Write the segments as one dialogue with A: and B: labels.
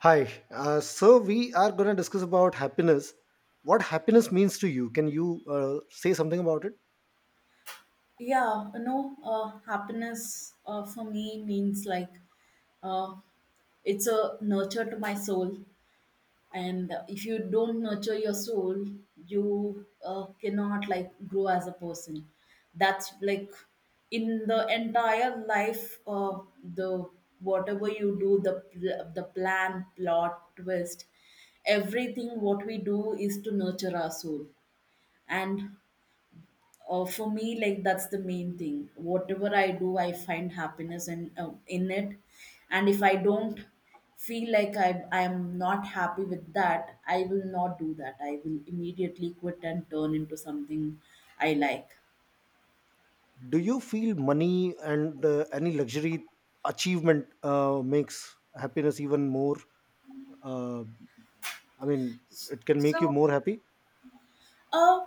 A: Hi. So we are going to discuss about happiness. What happiness means to you? Can you say something about it?
B: Yeah, happiness for me means like uh, it's a nurture to my soul. And if you don't nurture your soul, you cannot like grow as a person. That's like, in the entire life, the whatever you do, the plan, plot, twist, everything what we do is to nurture our soul. And for me, like, that's the main thing. Whatever I do, I find happiness in it. And if I don't feel like I am not happy with that, I will not do that. I will immediately quit and turn into something I like.
A: Do you feel money and any luxury achievement makes happiness even more? Uh, I mean, it can make you more happy.
B: uh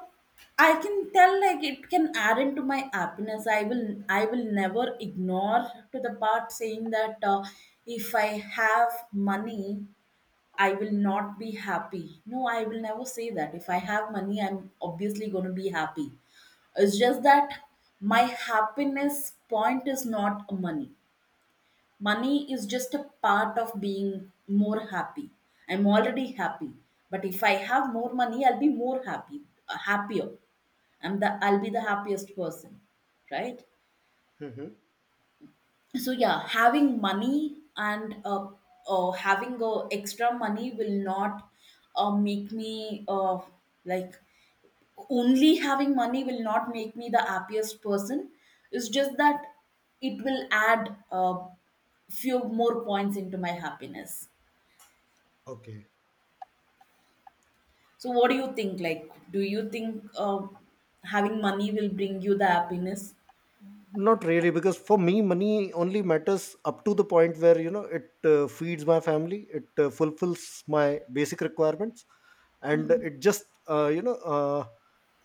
B: I can tell, like, it can add into my happiness. I will never ignore to the part saying that, if I have money, I will not be happy. No, I will never say that. If I have money, I'm obviously going to be happy. It's just that my happiness point is not money. Money is just a part of being more happy. I'm already happy, but if I have more money, I'll be more happy, happier. I'll be the happiest person, right?
A: Hmm.
B: So, yeah, having money, and having extra money will not make me like, only having money will not make me the happiest person. It's just that it will add few more points into my happiness.
A: Okay.
B: So what do you think, like, do you think having money will bring you the happiness?
A: Not really, because for me, money only matters up to the point where you know it feeds my family, it fulfills my basic requirements and it just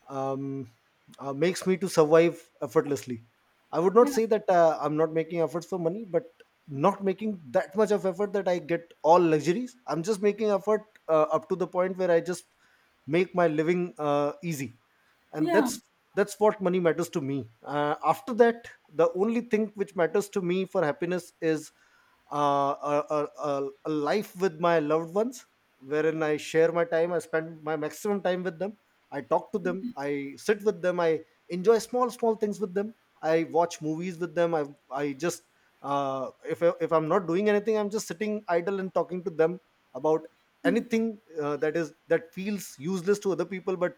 A: um, makes me to survive effortlessly. I would not say that I'm not making efforts for money, but not making that much of effort that I get all luxuries. I'm just making effort up to the point where I just make my living easy, and that's what money matters to me. After that, the only thing which matters to me for happiness is a life with my loved ones, wherein I share my time, I spend my maximum time with them. I talk to them, I sit with them, I enjoy small small things with them, I watch movies with them. I just if I'm not doing anything, I'm just sitting idle and talking to them about anything that is that feels useless to other people but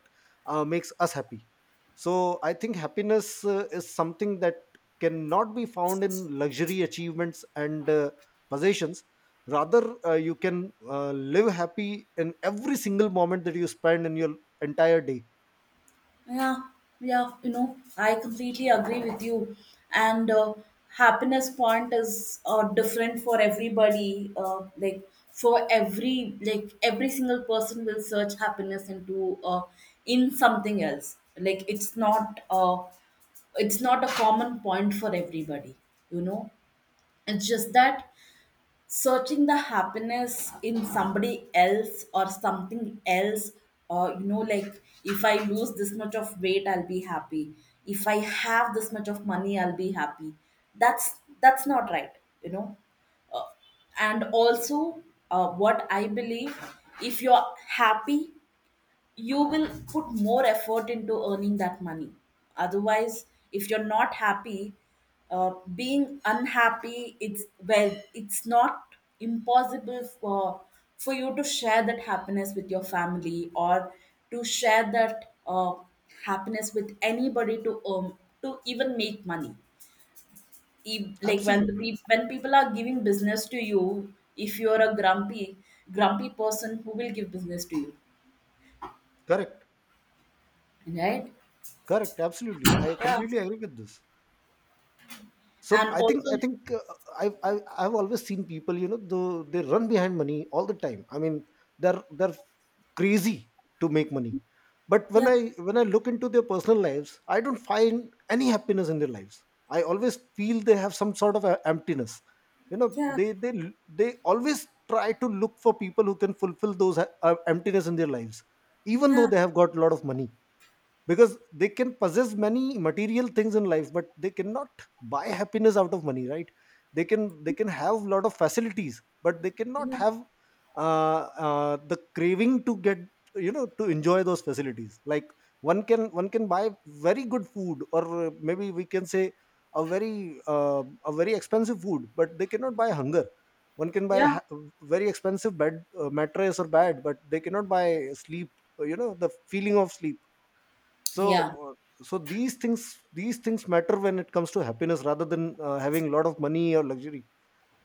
A: makes us happy. So I think happiness is something that cannot be found in luxury achievements and possessions. Rather you can live happy in every single moment that you spend in your entire day.
B: Yeah, yeah, I completely agree with you. And happiness point is different for everybody. Like, for every, like every single person will search happiness into in something else. Like, it's not a common point for everybody. You know, it's just that searching the happiness in somebody else or something else, or like, if I lose this much of weight, I'll be happy. If I have this much of money, I'll be happy. That's not right, you know? Uh, and also, what I believe, if you're happy, you will put more effort into earning that money. Otherwise, if you're not happy, being unhappy, it's, well, it's not impossible for you to share that happiness with your family, or to share that happiness with anybody, to even make money. Like, when
A: Absolutely.
B: when people are giving business to you, if you're a grumpy person, who will give business to you,
A: Correct.
B: right?
A: Correct. Absolutely. I
B: Yeah.
A: completely agree with this. So
B: And
A: I think
B: also,
A: I think I I've always seen people, you know, they run behind money all the time. They're crazy to make money, but when
B: yeah,
A: I look into their personal lives, I don't find any happiness in their lives. I always feel they have some sort of a emptiness, you know.
B: yeah,
A: They They always try to look for people who can fulfill those emptiness in their lives even though
B: yeah,
A: they have got a lot of money, because they can possess many material things in life but they cannot buy happiness out of money, right? They can have a lot of facilities, but they cannot
B: yeah,
A: have uh, the craving to get, you know, to enjoy those facilities. Like one can buy very good food, or maybe we can say a very expensive food, but they cannot buy hunger. One can buy
B: yeah,
A: ha- Very expensive bed, mattress or bed, but they cannot buy sleep, you know, the feeling of sleep. so
B: yeah,
A: uh, so these things matter when it comes to happiness, rather than having a lot of money or luxury.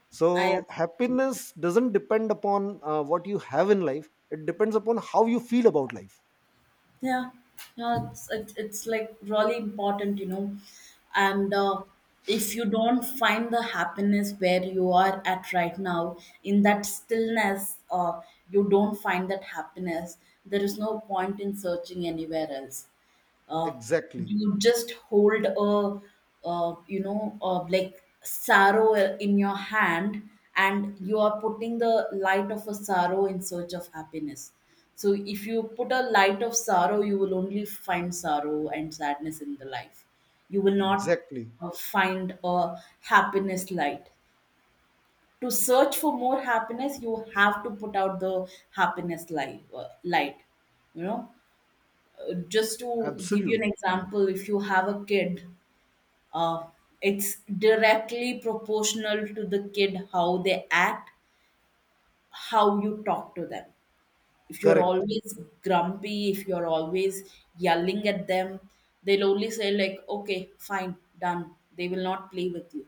A: So
B: I agree with you.
A: happiness doesn't depend upon what you have in life, it depends upon how you feel about life.
B: Yeah, yeah, it's like really important, you know? And if you don't find the happiness where you are at right now, in that stillness, you don't find that happiness, there is no point in searching anywhere else. uh,
A: Exactly.
B: you just hold a, like, sorrow in your hand. And you are putting the light of a sorrow in search of happiness. So if you put a light of sorrow, you will only find sorrow and sadness in the life. You will not
A: Exactly.
B: find a happiness light. To search for more happiness, you have to put out the happiness light, you know? Just to give you an
A: Absolutely.
B: example, if you have a kid, uh, it's directly proportional to the kid, how they act, how you talk to them. If you're
A: Correct.
B: always grumpy, if you're always yelling at them, they'll only say, like, okay, fine, done. They will not play with you.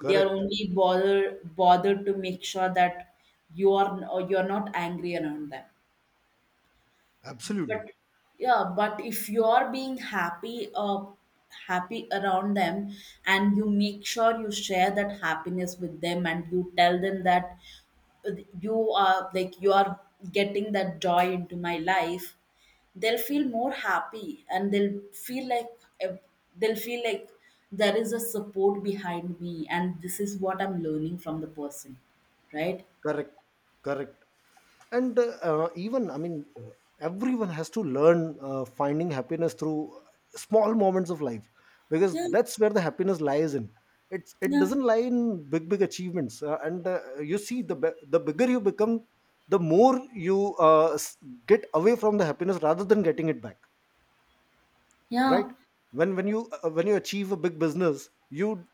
B: They are only bothered to make sure that you are or you're not angry around them. But,
A: Absolutely.
B: yeah, but if you are being happy, happy around them, and you make sure you share that happiness with them, and you tell them that, uh, you are, like, you are getting that joy into my life. They'll feel more happy and they'll feel like, uh, they'll feel like there is a support behind me, and this is what I'm learning from the person, right?
A: Correct. Correct. And even I mean everyone has to learn finding happiness through small moments of life, because
B: Yeah,
A: that's where the happiness lies in. It's, it
B: yeah,
A: doesn't lie in big big achievements and you see the bigger you become the more you get away from the happiness rather than getting it back, right?
B: yeah,
A: When you achieve a big business, you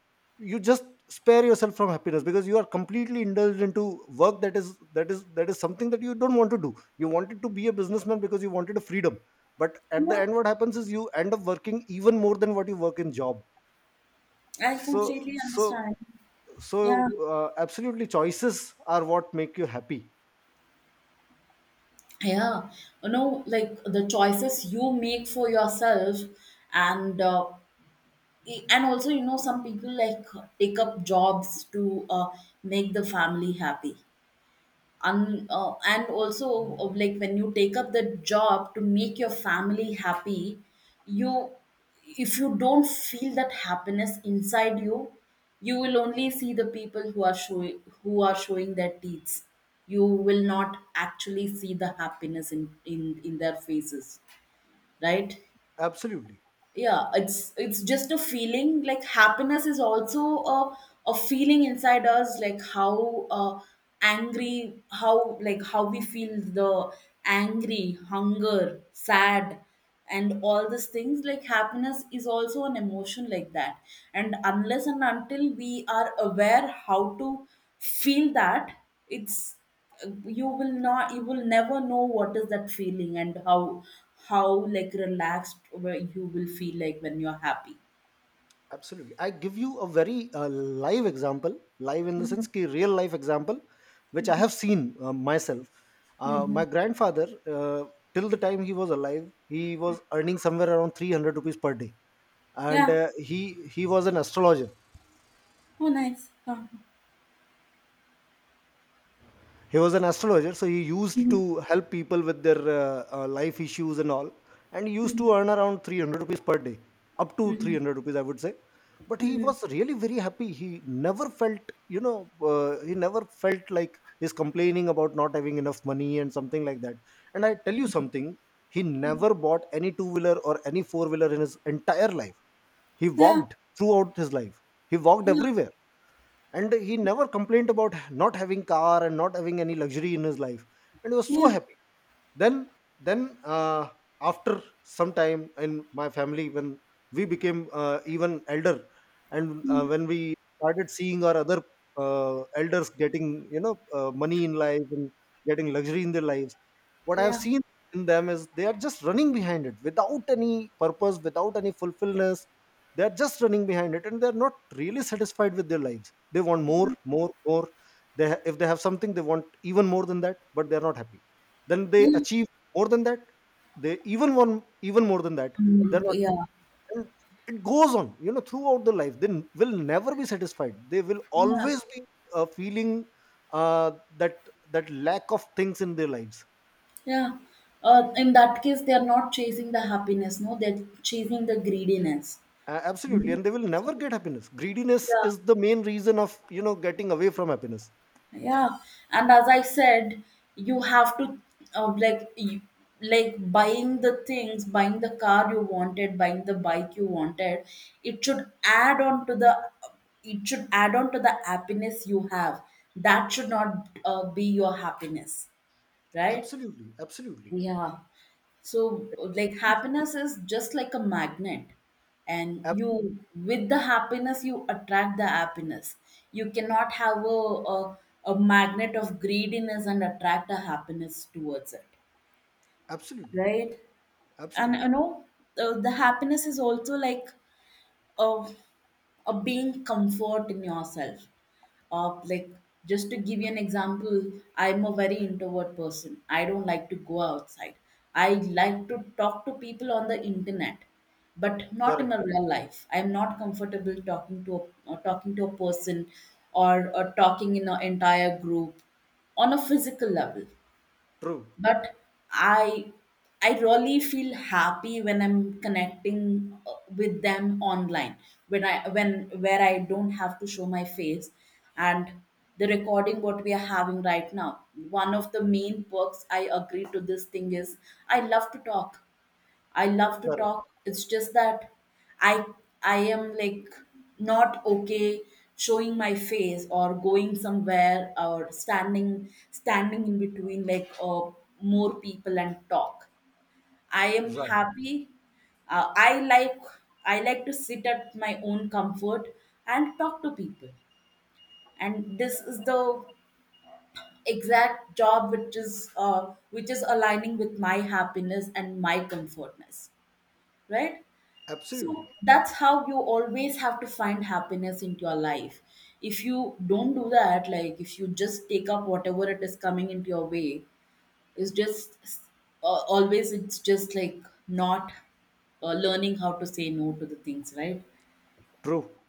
A: you just spare yourself from happiness because you are completely indulged into work. That is something that you don't want to do. You wanted to be a businessman because you wanted a freedom, but at the
B: yeah,
A: end what happens is you end up working even more than what you work in job.
B: I
A: so
B: completely
A: so
B: understand.
A: so
B: Yeah.
A: uh, absolutely, choices are what make you happy.
B: Yeah, like, the choices you make for yourself, and and also, some people, like, take up jobs to make the family happy. And also, like, when you take up the job to make your family happy, you if you don't feel that happiness inside you, you will only see the people who are showing their teeth. You will not actually see the happiness in their faces, right?
A: Absolutely,
B: Yeah, it's just a feeling. Like, happiness is also a feeling inside us, like how angry, how we feel the angry, hunger, sad, and all these things. Like, happiness is also an emotion like that. And unless and until we are aware how to feel that, it's you will not you will never know what is that feeling, and how like relaxed, where you will feel like when you're happy.
A: absolutely. I give you a very live example. Live in the
B: Mm-hmm.
A: sense ki real life example, which I
B: Mm-hmm.
A: have seen myself. My
B: Mm-hmm.
A: grandfather, uh, till the time he was alive, he was earning somewhere around 300 rupees per day. And
B: Yeah.
A: uh, he was an astrologer.
B: Oh, nice.
A: He was an astrologer, so he used
B: Hmm.
A: to help people with their life issues and all, and he used
B: Hmm.
A: to earn around 300 rupees per day, up to
B: Hmm.
A: 300 rupees, I would say. But he
B: Hmm.
A: was really very happy. He never felt, you know, he never felt like he's complaining about not having enough money and something like that. And I tell you something, he never bought any two wheeler or any four wheeler in his entire life. He
B: Yeah.
A: walked throughout his life, he walked
B: Yeah.
A: everywhere, and he never complained about not having car and not having any luxury in his life, and he was so
B: Yeah.
A: happy. Then then uh, after some time in my family, when we became even elder, and
B: Mm.
A: when we started seeing our other uh, elders getting, you know, money in life and getting luxury in their lives, what
B: Yeah.
A: I've
B: Yeah.
A: seen in them is they are just running behind it without any purpose, without any fulfillment. They're just running behind it and they're not really satisfied with their lives. They want more, more, more. If they have something, they want even more than that, but they're not happy. Then they achieve more than that, they even want even more than that.
B: Mm,
A: They're not,
B: yeah.
A: and it goes on, you know, throughout the life. Will never be satisfied. They will
B: Yeah.
A: always be feeling uh, that, that lack of things in their lives.
B: Yeah. In that case, they are not chasing the happiness, no, they're chasing the greediness.
A: Absolutely,
B: You.
A: and they will
B: So,
A: never get happiness. Greediness
B: yeah.
A: is the main reason of, you know, getting away from happiness.
B: Yeah, and as I said, you have to, uh, like you, like, buying the things, buying the car you wanted, buying the bike you wanted. It should add on to the it should add on to the happiness you have. That should not be your happiness, right?
A: Absolutely, absolutely.
B: Yeah. So, like, happiness is just like a magnet, and
A: Absolutely.
B: you, with the happiness, you attract the happiness. You cannot have a magnet of greediness and attract a happiness towards it,
A: Absolutely,
B: right? And,
A: absolutely.
B: the happiness is also like a, a being comfort in yourself, of, like, just to give you an example. I'm a very introvert person. I don't like to go outside. I like to talk to people on the internet, but not in a
A: Correct,
B: real life. I'm not comfortable talking to a person, or talking in an entire group on a physical level.
A: true,
B: But i I really feel happy when I'm connecting with them online, when, where I don't have to show my face. And the recording what we are having right now, one of the main perks I agree to this thing is, I love to talk. I love to
A: correct,
B: talk. It's just that I I am like not okay showing my face, or going somewhere, or standing in between, like, more people, and talk. I am
A: right,
B: happy. Uh, I like I like to sit at my own comfort and talk to people. And this is the exact job which is aligning with my happiness and my comfortness, right?
A: absolutely.
B: So that's how you always have to find happiness into your life. If you don't do that, like, if you just take up whatever it is coming into your way, it's just, always, it's just like not learning how to say no to the things, right?
A: True.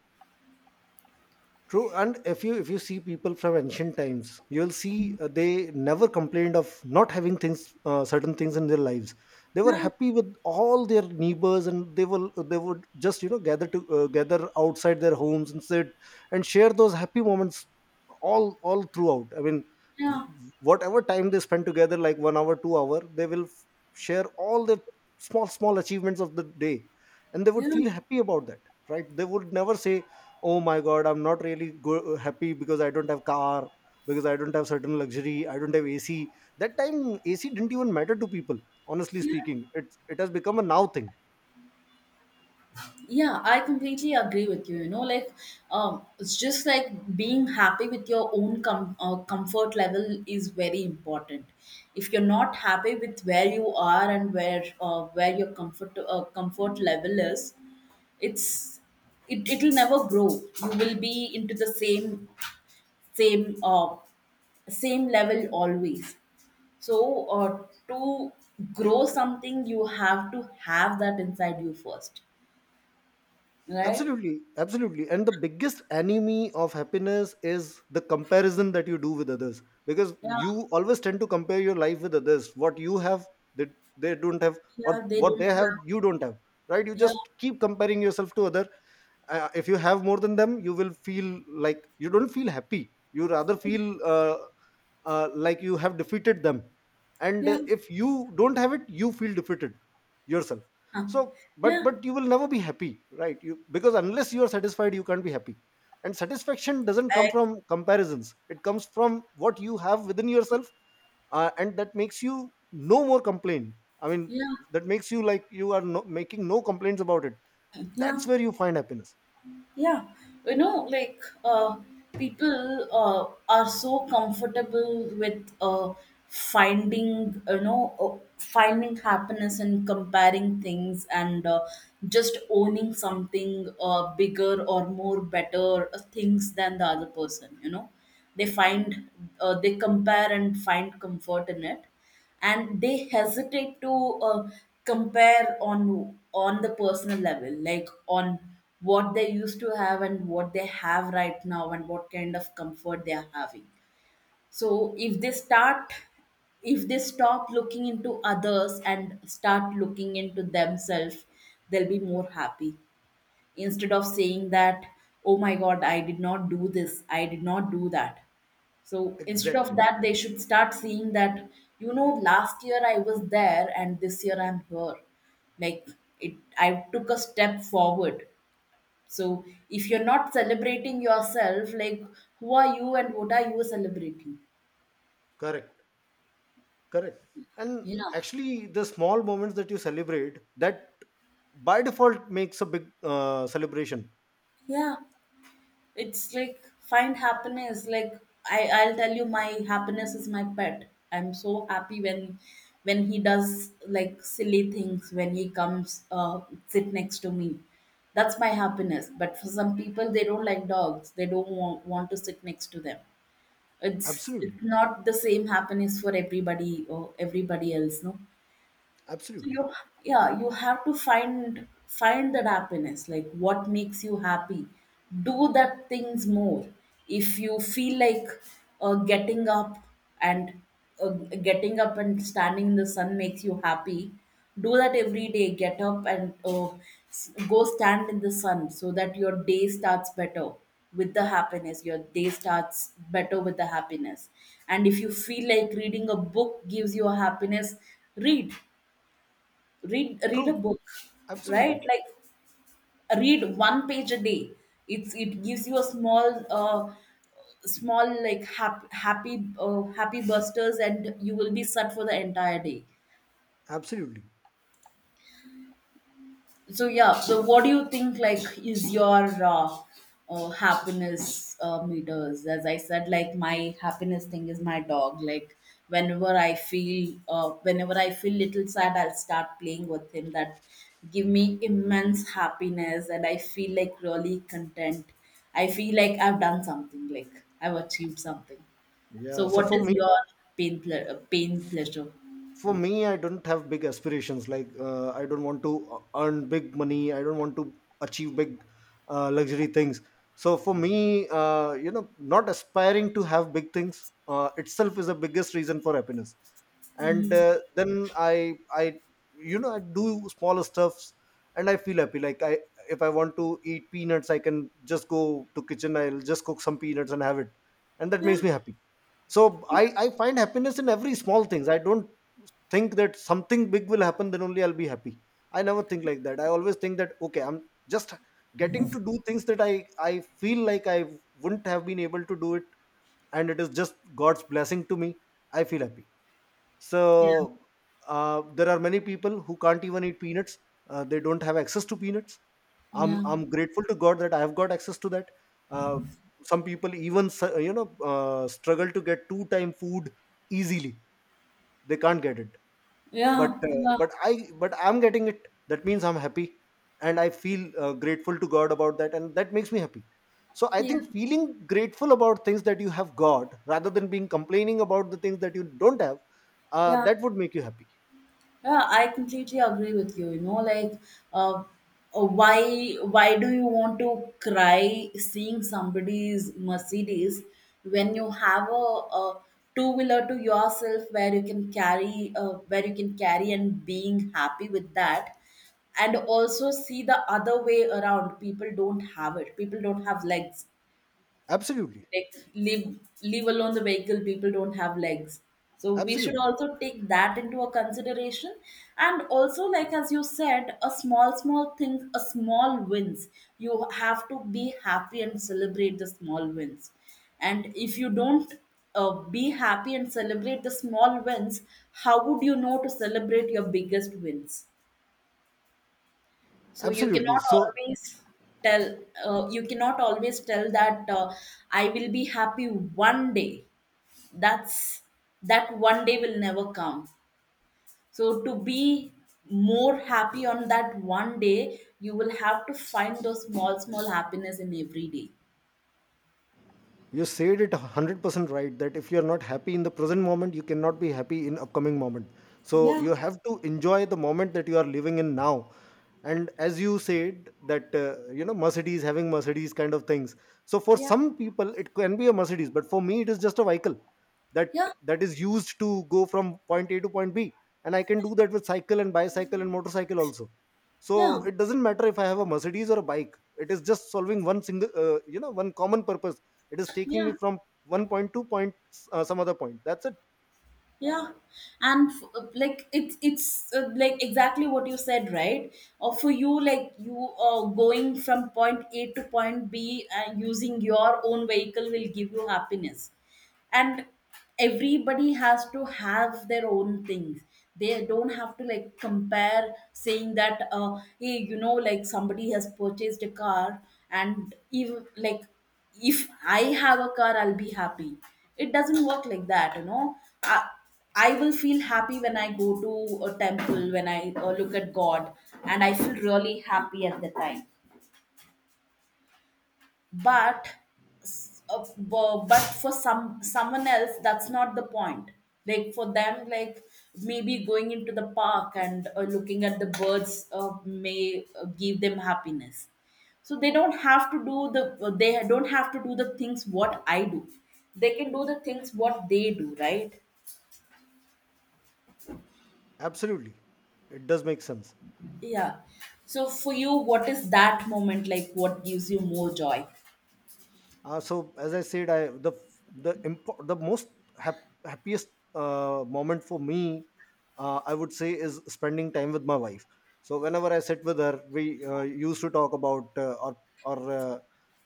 A: True, and if you see people from ancient times, you'll see they never complained of not having things, certain things in their lives. They were
B: Yeah,
A: happy with all their neighbors, and they would just, you know, gather to gather outside their homes and sit and share those happy moments all throughout. I mean,
B: yeah,
A: whatever time they spend together, like 1 hour, 2 hour, share all the small small achievements of the day, and they would
B: yeah.
A: feel happy about that, right? They would never say, oh my god, I'm not really happy because I don't have car, because I don't have certain luxury, I don't have AC. That time AC didn't even matter to people. Honestly speaking, it has become a now thing.
B: Yeah, I completely agree with you. You know, like, it's just like being happy with your own comfort level is very important. If you're not happy with where you are, and where your comfort level is, it's it'll never grow. You will be into the same uh, same level always. So to grow something, you have to have that inside you first, right?
A: Absolutely, absolutely. And the biggest enemy of happiness is the comparison that you do with others, because
B: Yeah,
A: you always tend to compare your life with others. What you have, they they don't have, or
B: yeah, they
A: what
B: don't
A: they have,
B: have.
A: you don't have, right? You
B: Yeah,
A: just keep comparing yourself to other. If you have more than them, you will feel like, you don't feel happy, you rather feel like you have defeated them. And
B: yeah,
A: if you don't have it, you feel defeated yourself.
B: huh,
A: So but
B: yeah,
A: but you will never be happy, right? You, because unless you are satisfied, you can't be happy. And satisfaction doesn't come
B: I-
A: from comparisons, it comes from what you have within yourself. And that makes you no more complain. i mean
B: yeah,
A: that makes you like you are no, making no complaints about it. That's
B: yeah,
A: where you find happiness.
B: yeah. You know, like, people are so comfortable with finding happiness and comparing things, and just owning something bigger or more better things than the other person. You know, they find, they compare and find comfort in it, and they hesitate to uh, compare on the personal level, like on what they used to have and what they have right now and what kind of comfort they are having. So if they stop looking into others and start looking into themselves, they'll be more happy, instead of saying that, "Oh my god, I did not do this, I did not do that." So instead of
A: Exactly.
B: that, they should start seeing that, you know, last year I was there and this year I'm here. Like, it I took a step forward. So if you're not celebrating yourself, like, who are you and what are you celebrating?
A: Correct. Correct. And
B: You know?
A: actually the small moments that you celebrate, that by default makes a big celebration.
B: Yeah. It's like, find happiness. Like, I'll tell you, my happiness is my pet. I'm so happy when he does like silly things, when he comes sit next to me. That's my happiness. But for some people, they don't like dogs. They don't want to sit next to them. It's
A: Absolutely,
B: it's not the same happiness for everybody or everybody else, no? So
A: absolutely.
B: you, yeah, you have to find that happiness, like what makes you happy. Do that things more. If you feel like uh, getting up and uh, getting up and standing in the sun makes you happy, do that every day. Get up and go stand in the sun so that your day starts better with the happiness, your day starts better with the happiness. And if you feel like reading a book gives you a happiness, read, read a
A: True.
B: book. Right?
A: Absolutely,
B: Like read one page a day. It gives you a small small, like happy busters, and you will be set for the entire day.
A: absolutely.
B: So yeah, so what do you think, like, is your happiness meters? As I said, like my happiness thing is my dog. Like whenever I feel little sad, I'll start playing with him. That give me immense happiness, and I feel like really content. I feel like I've done something. Like I've achieved something. So
A: Yeah, so
B: what
A: for
B: is
A: me,
B: your pain pleasure?
A: for me, I don't have big aspirations. Like I don't want to earn big money, I don't want to achieve big luxury things. So for me, you know, not aspiring to have big things itself is the biggest reason for happiness. And then I I you know, I do smaller stuffs and I feel happy. Like I If I want to eat peanuts, I can just go to kitchen, I'll just cook some peanuts and have it, and that makes me happy. So I find happiness in every small things. I don't think that something big will happen then only I'll be happy. I never think like that. I always think that, okay, I'm just getting to do things that I feel like I wouldn't have been able to do it, and it is just god's blessing to me. I feel happy. So
B: Yeah,
A: there are many people who can't even eat peanuts. They don't have access to peanuts. I'm
B: yeah,
A: I'm grateful to God that I have got access to that. Uh, some people even you know struggle to get two time food easily. They can't get it, but
B: yeah,
A: uh,
B: yeah,
A: but i but i'm getting it. That means I'm happy, and I feel grateful to God about that, and that makes me happy. So I
B: yeah,
A: think feeling grateful about things that you have got, rather than being complaining about the things that you don't have,
B: yeah.
A: that would make you happy.
B: Yeah, I completely agree with you. You know, like, uh, why do you want to cry seeing somebody's Mercedes when you have a two wheeler to yourself, where you can carry where you can carry and being happy with that, and also see the other way around. People don't have it. People don't have legs.
A: Absolutely,
B: Like leave, leave alone the vehicle, people don't have legs. So we should
A: absolutely,
B: also take that into a consideration. And also, like as you said, a small small things, a small wins, you have to be happy and celebrate the small wins. And if you don't uh, be happy and celebrate the small wins, how would you know to celebrate your biggest wins? So you
A: absolutely.
B: cannot
A: So
B: always tell, you cannot always tell that I will be happy one day. That's, that one day will never come. So to be more happy on that one day, you will have to find those small small happiness in every day.
A: you said it 100% right that if you are not happy in the present moment, you cannot be happy in upcoming moment. So you,
B: Yeah,
A: yes, have to enjoy the moment that you are living in now. And as you said that, you know, mercedes, having mercedes kind of things, so for
B: yeah.
A: some people it can be a mercedes, but for me it is just a vehicle. that
B: Yeah,
A: that is used to go from point a to point b, and I can do that with cycle and bicycle and motorcycle also. So
B: yeah,
A: it doesn't matter if I have a mercedes or a bike, it is just solving one single you know, one common purpose. It is taking
B: yeah,
A: me from one point to point some other point. That's it.
B: yeah. And like it's like exactly what you said, right? Or for you, like you going from point A to point B and using your own vehicle will give you happiness. And everybody has to have their own things. They don't have to like compare saying that, hey, you know, like somebody has purchased a car, and even like if I have a car, I'll be happy. It doesn't work like that, you know. I, I will feel happy when I go to a temple, when I look at God, and I feel really happy at the time. But but for some someone else, that's not the point. Like for them, like maybe going into the park and looking at the birds may give them happiness. So they don't have to do the they don't have to do the things what I do. They can do the things what they do, right?
A: Absolutely, it does make sense.
B: Yeah, so for you, what is that moment, like what gives you more joy?
A: So as I said, I the most happiest moment for me, I would say, is spending time with my wife. So whenever I sit with her, we used to talk about our our uh,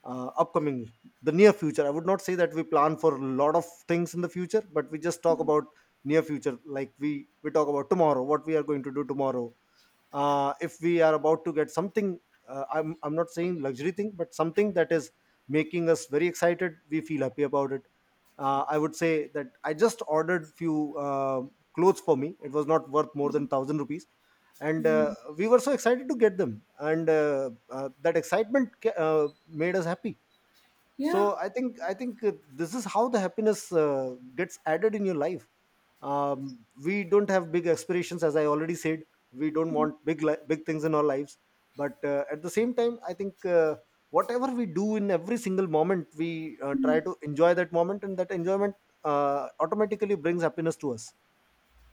A: uh, upcoming, the near future. I would not say that we plan for a lot of things in the future, but we just talk about near future. Like we talk about tomorrow, what we are going to do tomorrow, if we are about to get something, I'm not saying luxury thing, but something that is making us very excited, we feel happy about it. I would say that I just ordered few clothes for me. It was not worth more than 1,000 rupees, and we were so excited to get them, and that excitement made us happy. So
B: Yeah.
A: I think this is how the happiness gets added in your life. um, we don't have big aspirations, as I already said. We don't want big things in our lives, but at the same time, I think, whatever we do in every single moment, we try to enjoy that moment, and that enjoyment automatically brings happiness to us.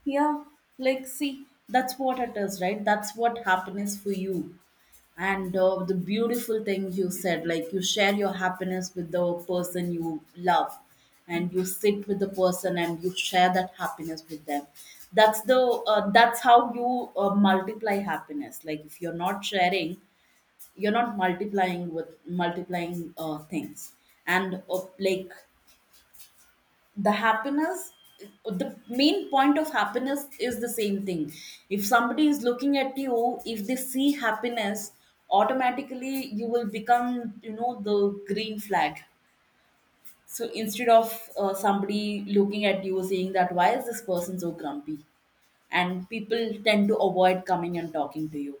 B: Yeah, like see, that's what it is, right? That's what happiness for you. And the beautiful thing you said, like you share your happiness with the person you love, and you sit with the person and you share that happiness with them. That's the that's how you multiply happiness. Like if you're not sharing, you're not multiplying with multiplying things. And like the happiness, the main point of happiness is the same thing. If somebody is looking at you, if they see happiness, automatically you will become, you know, the green flag. So instead of somebody looking at you saying that, why is this person so grumpy, and people tend to avoid coming and talking to you,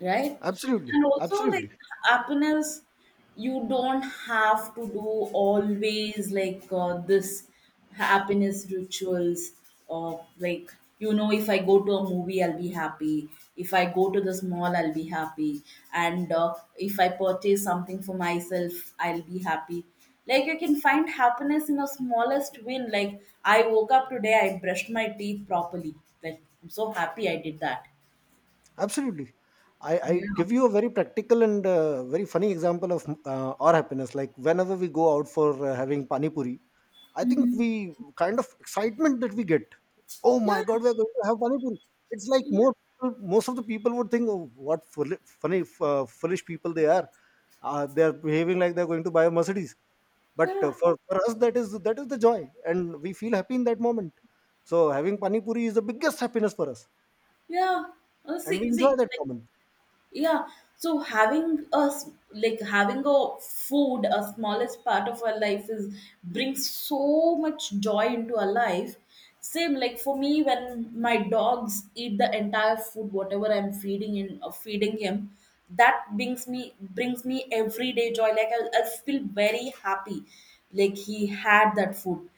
B: right?
A: Absolutely,
B: And also, like
A: absolutely,
B: happiness, you don't have to do always like this happiness rituals, of like, you know, if I go to a movie, I'll be happy, if I go to this mall, I'll be happy, and if I purchase something for myself, I'll be happy. Like you can find happiness in a smallest win, like I woke up today, I brushed my teeth properly, like I'm so happy I did that.
A: absolutely. I give you a very practical and very funny example of our happiness. Like whenever we go out for having pani puri, I think we kind of excitement that we get. Oh my
B: Yeah,
A: god, we're going to have pani puri. It's like more most of the people would think, oh, what funny, foolish people they are. They are behaving like they're going to buy a Mercedes. But
B: yeah.
A: for us, that is the joy, and we feel happy in that moment. So having pani puri is the biggest happiness for us,
B: Yeah.
A: and
B: See,
A: we enjoy
B: see,
A: that
B: like,
A: moment.
B: yeah. So having us, like having a food, a smallest part of our life is brings so much joy into our life. Same like for me, when my dogs eat the entire food, whatever I'm feeding him, that brings me everyday joy. Like I feel very happy, like he had that food,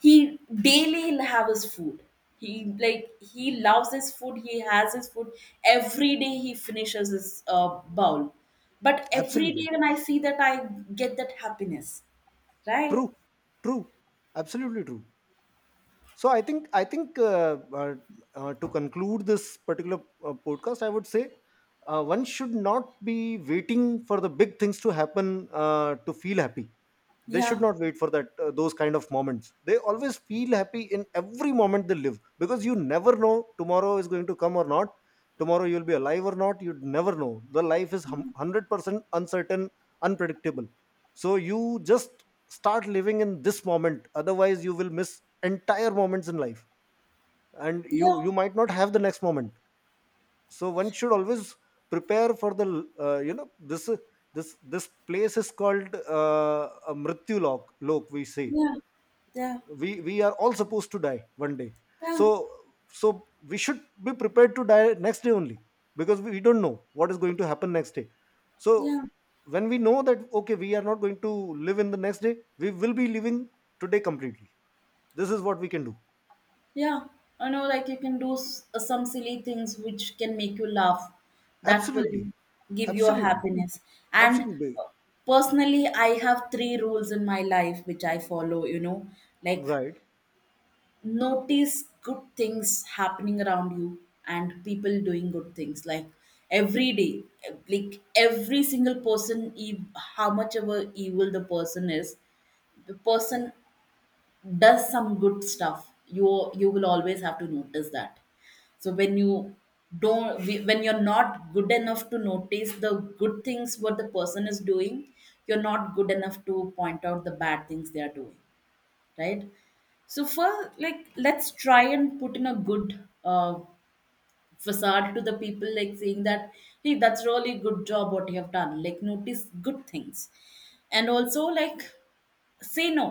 B: he, daily he'll have his food, he, like, he loves his food, he has his food, every day he finishes his uh, bowl. But every
A: Absolutely
B: day when I see that, I get that happiness, right?
A: true, true, absolutely true. So I think to conclude this particular podcast, I would say one should not be waiting for the big things to happen to feel happy. They should
B: Yeah,
A: not wait for that. Those kind of moments, they always feel happy in every moment they live, because you never know tomorrow is going to come or not. Tomorrow you'll be alive or not, you'd never know. The life is 100% uncertain, unpredictable. So you just start living in this moment, otherwise you will miss entire moments in life, and you
B: yeah,
A: you might not have the next moment. So one should always prepare for the you know, this place is called a mrityu lok we say.
B: yeah, yeah,
A: We are all supposed to die one day. so
B: yeah,
A: so we should be prepared to die next day only, because we don't know what is going to happen next day. So
B: yeah.
A: when we know that okay, we are not going to live in the next day, we will be living today completely. This is what we can do.
B: Yeah, I know, like you can do some silly things which can make you laugh, that will
A: Absolutely,
B: give you a
A: absolutely,
B: happiness. And
A: absolutely,
B: personally, I have three rules in my life which I follow, you know, like
A: right.
B: notice good things happening around you and people doing good things. Like every day, like every single person, ev-, how much ever evil the person is, the person does some good stuff. You will always have to notice that. So when you don't we- when you're not good enough to notice the good things what the person is doing, you're not good enough to point out the bad things they are doing, right? So for, like, let's try and put in a good uh, facade to the people, like saying that, hey, that's really good job what you have done. Like notice good things. And also, like say no,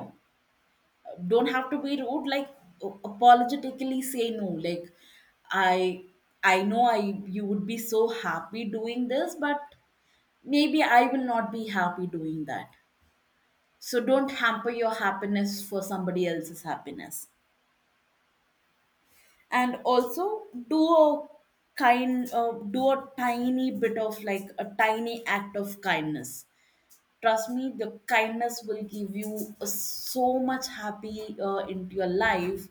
B: don't have to be rude, like apologetically say no, like i I know, I, you would be so happy doing this, but maybe I will not be happy doing that. So don't hamper your happiness for somebody else's happiness. And also, do a kind do a tiny bit of like a tiny act of kindness. Trust me, the kindness will give you so much happy into your life.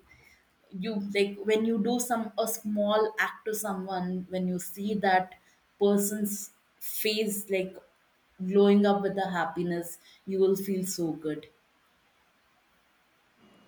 B: You, like when you do some a small act to someone, when you see that person's face like glowing up with the happiness, you will feel so good.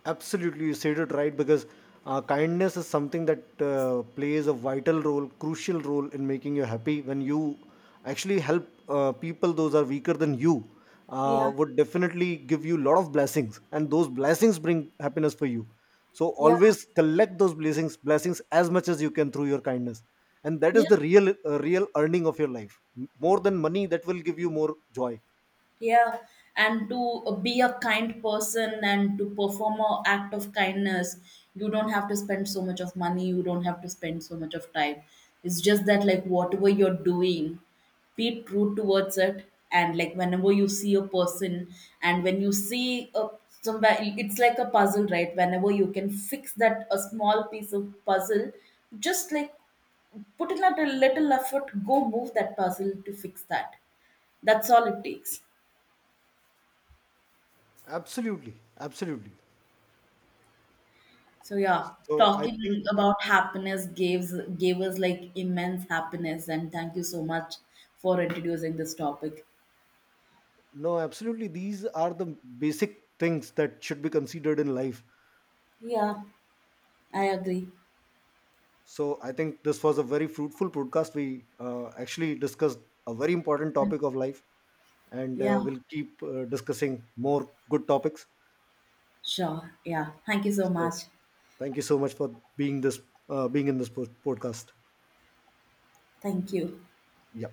A: Absolutely, you said it right, because kindness is something that plays a vital role, crucial role in making you happy. When you actually help people, those are weaker than you,
B: Yeah,
A: would definitely give you a lot of blessings, and those blessings bring happiness for you. So
B: yeah.
A: always collect those blessings, blessings as much as you can through your kindness, and that is the real, real earning of your life. More than money, that will give you more joy.
B: Yeah, and to be a kind person and to perform a act of kindness, you don't have to spend so much of money, you don't have to spend so much of time. It's just that like whatever you're doing, be true towards it. And like whenever you see a person, and when you see a, somewhere it's like a puzzle, right? Whenever you can fix that a small piece of puzzle, just like put in a little effort, go move that puzzle to fix that. That's all it takes.
A: Absolutely, absolutely.
B: So yeah,
A: So I
B: talking
A: think.
B: about happiness gives gave us like immense happiness, and thank you so much for introducing this topic.
A: No, absolutely. These are the basic things that should be considered in life.
B: Yeah, I agree.
A: So I think this was a very fruitful podcast. We actually discussed a very important topic of life, and
B: Yeah,
A: we'll keep discussing more good topics.
B: sure. Yeah, thank you so
A: So
B: much.
A: thank you so much for being this being in this podcast.
B: Thank you.
A: Yeah.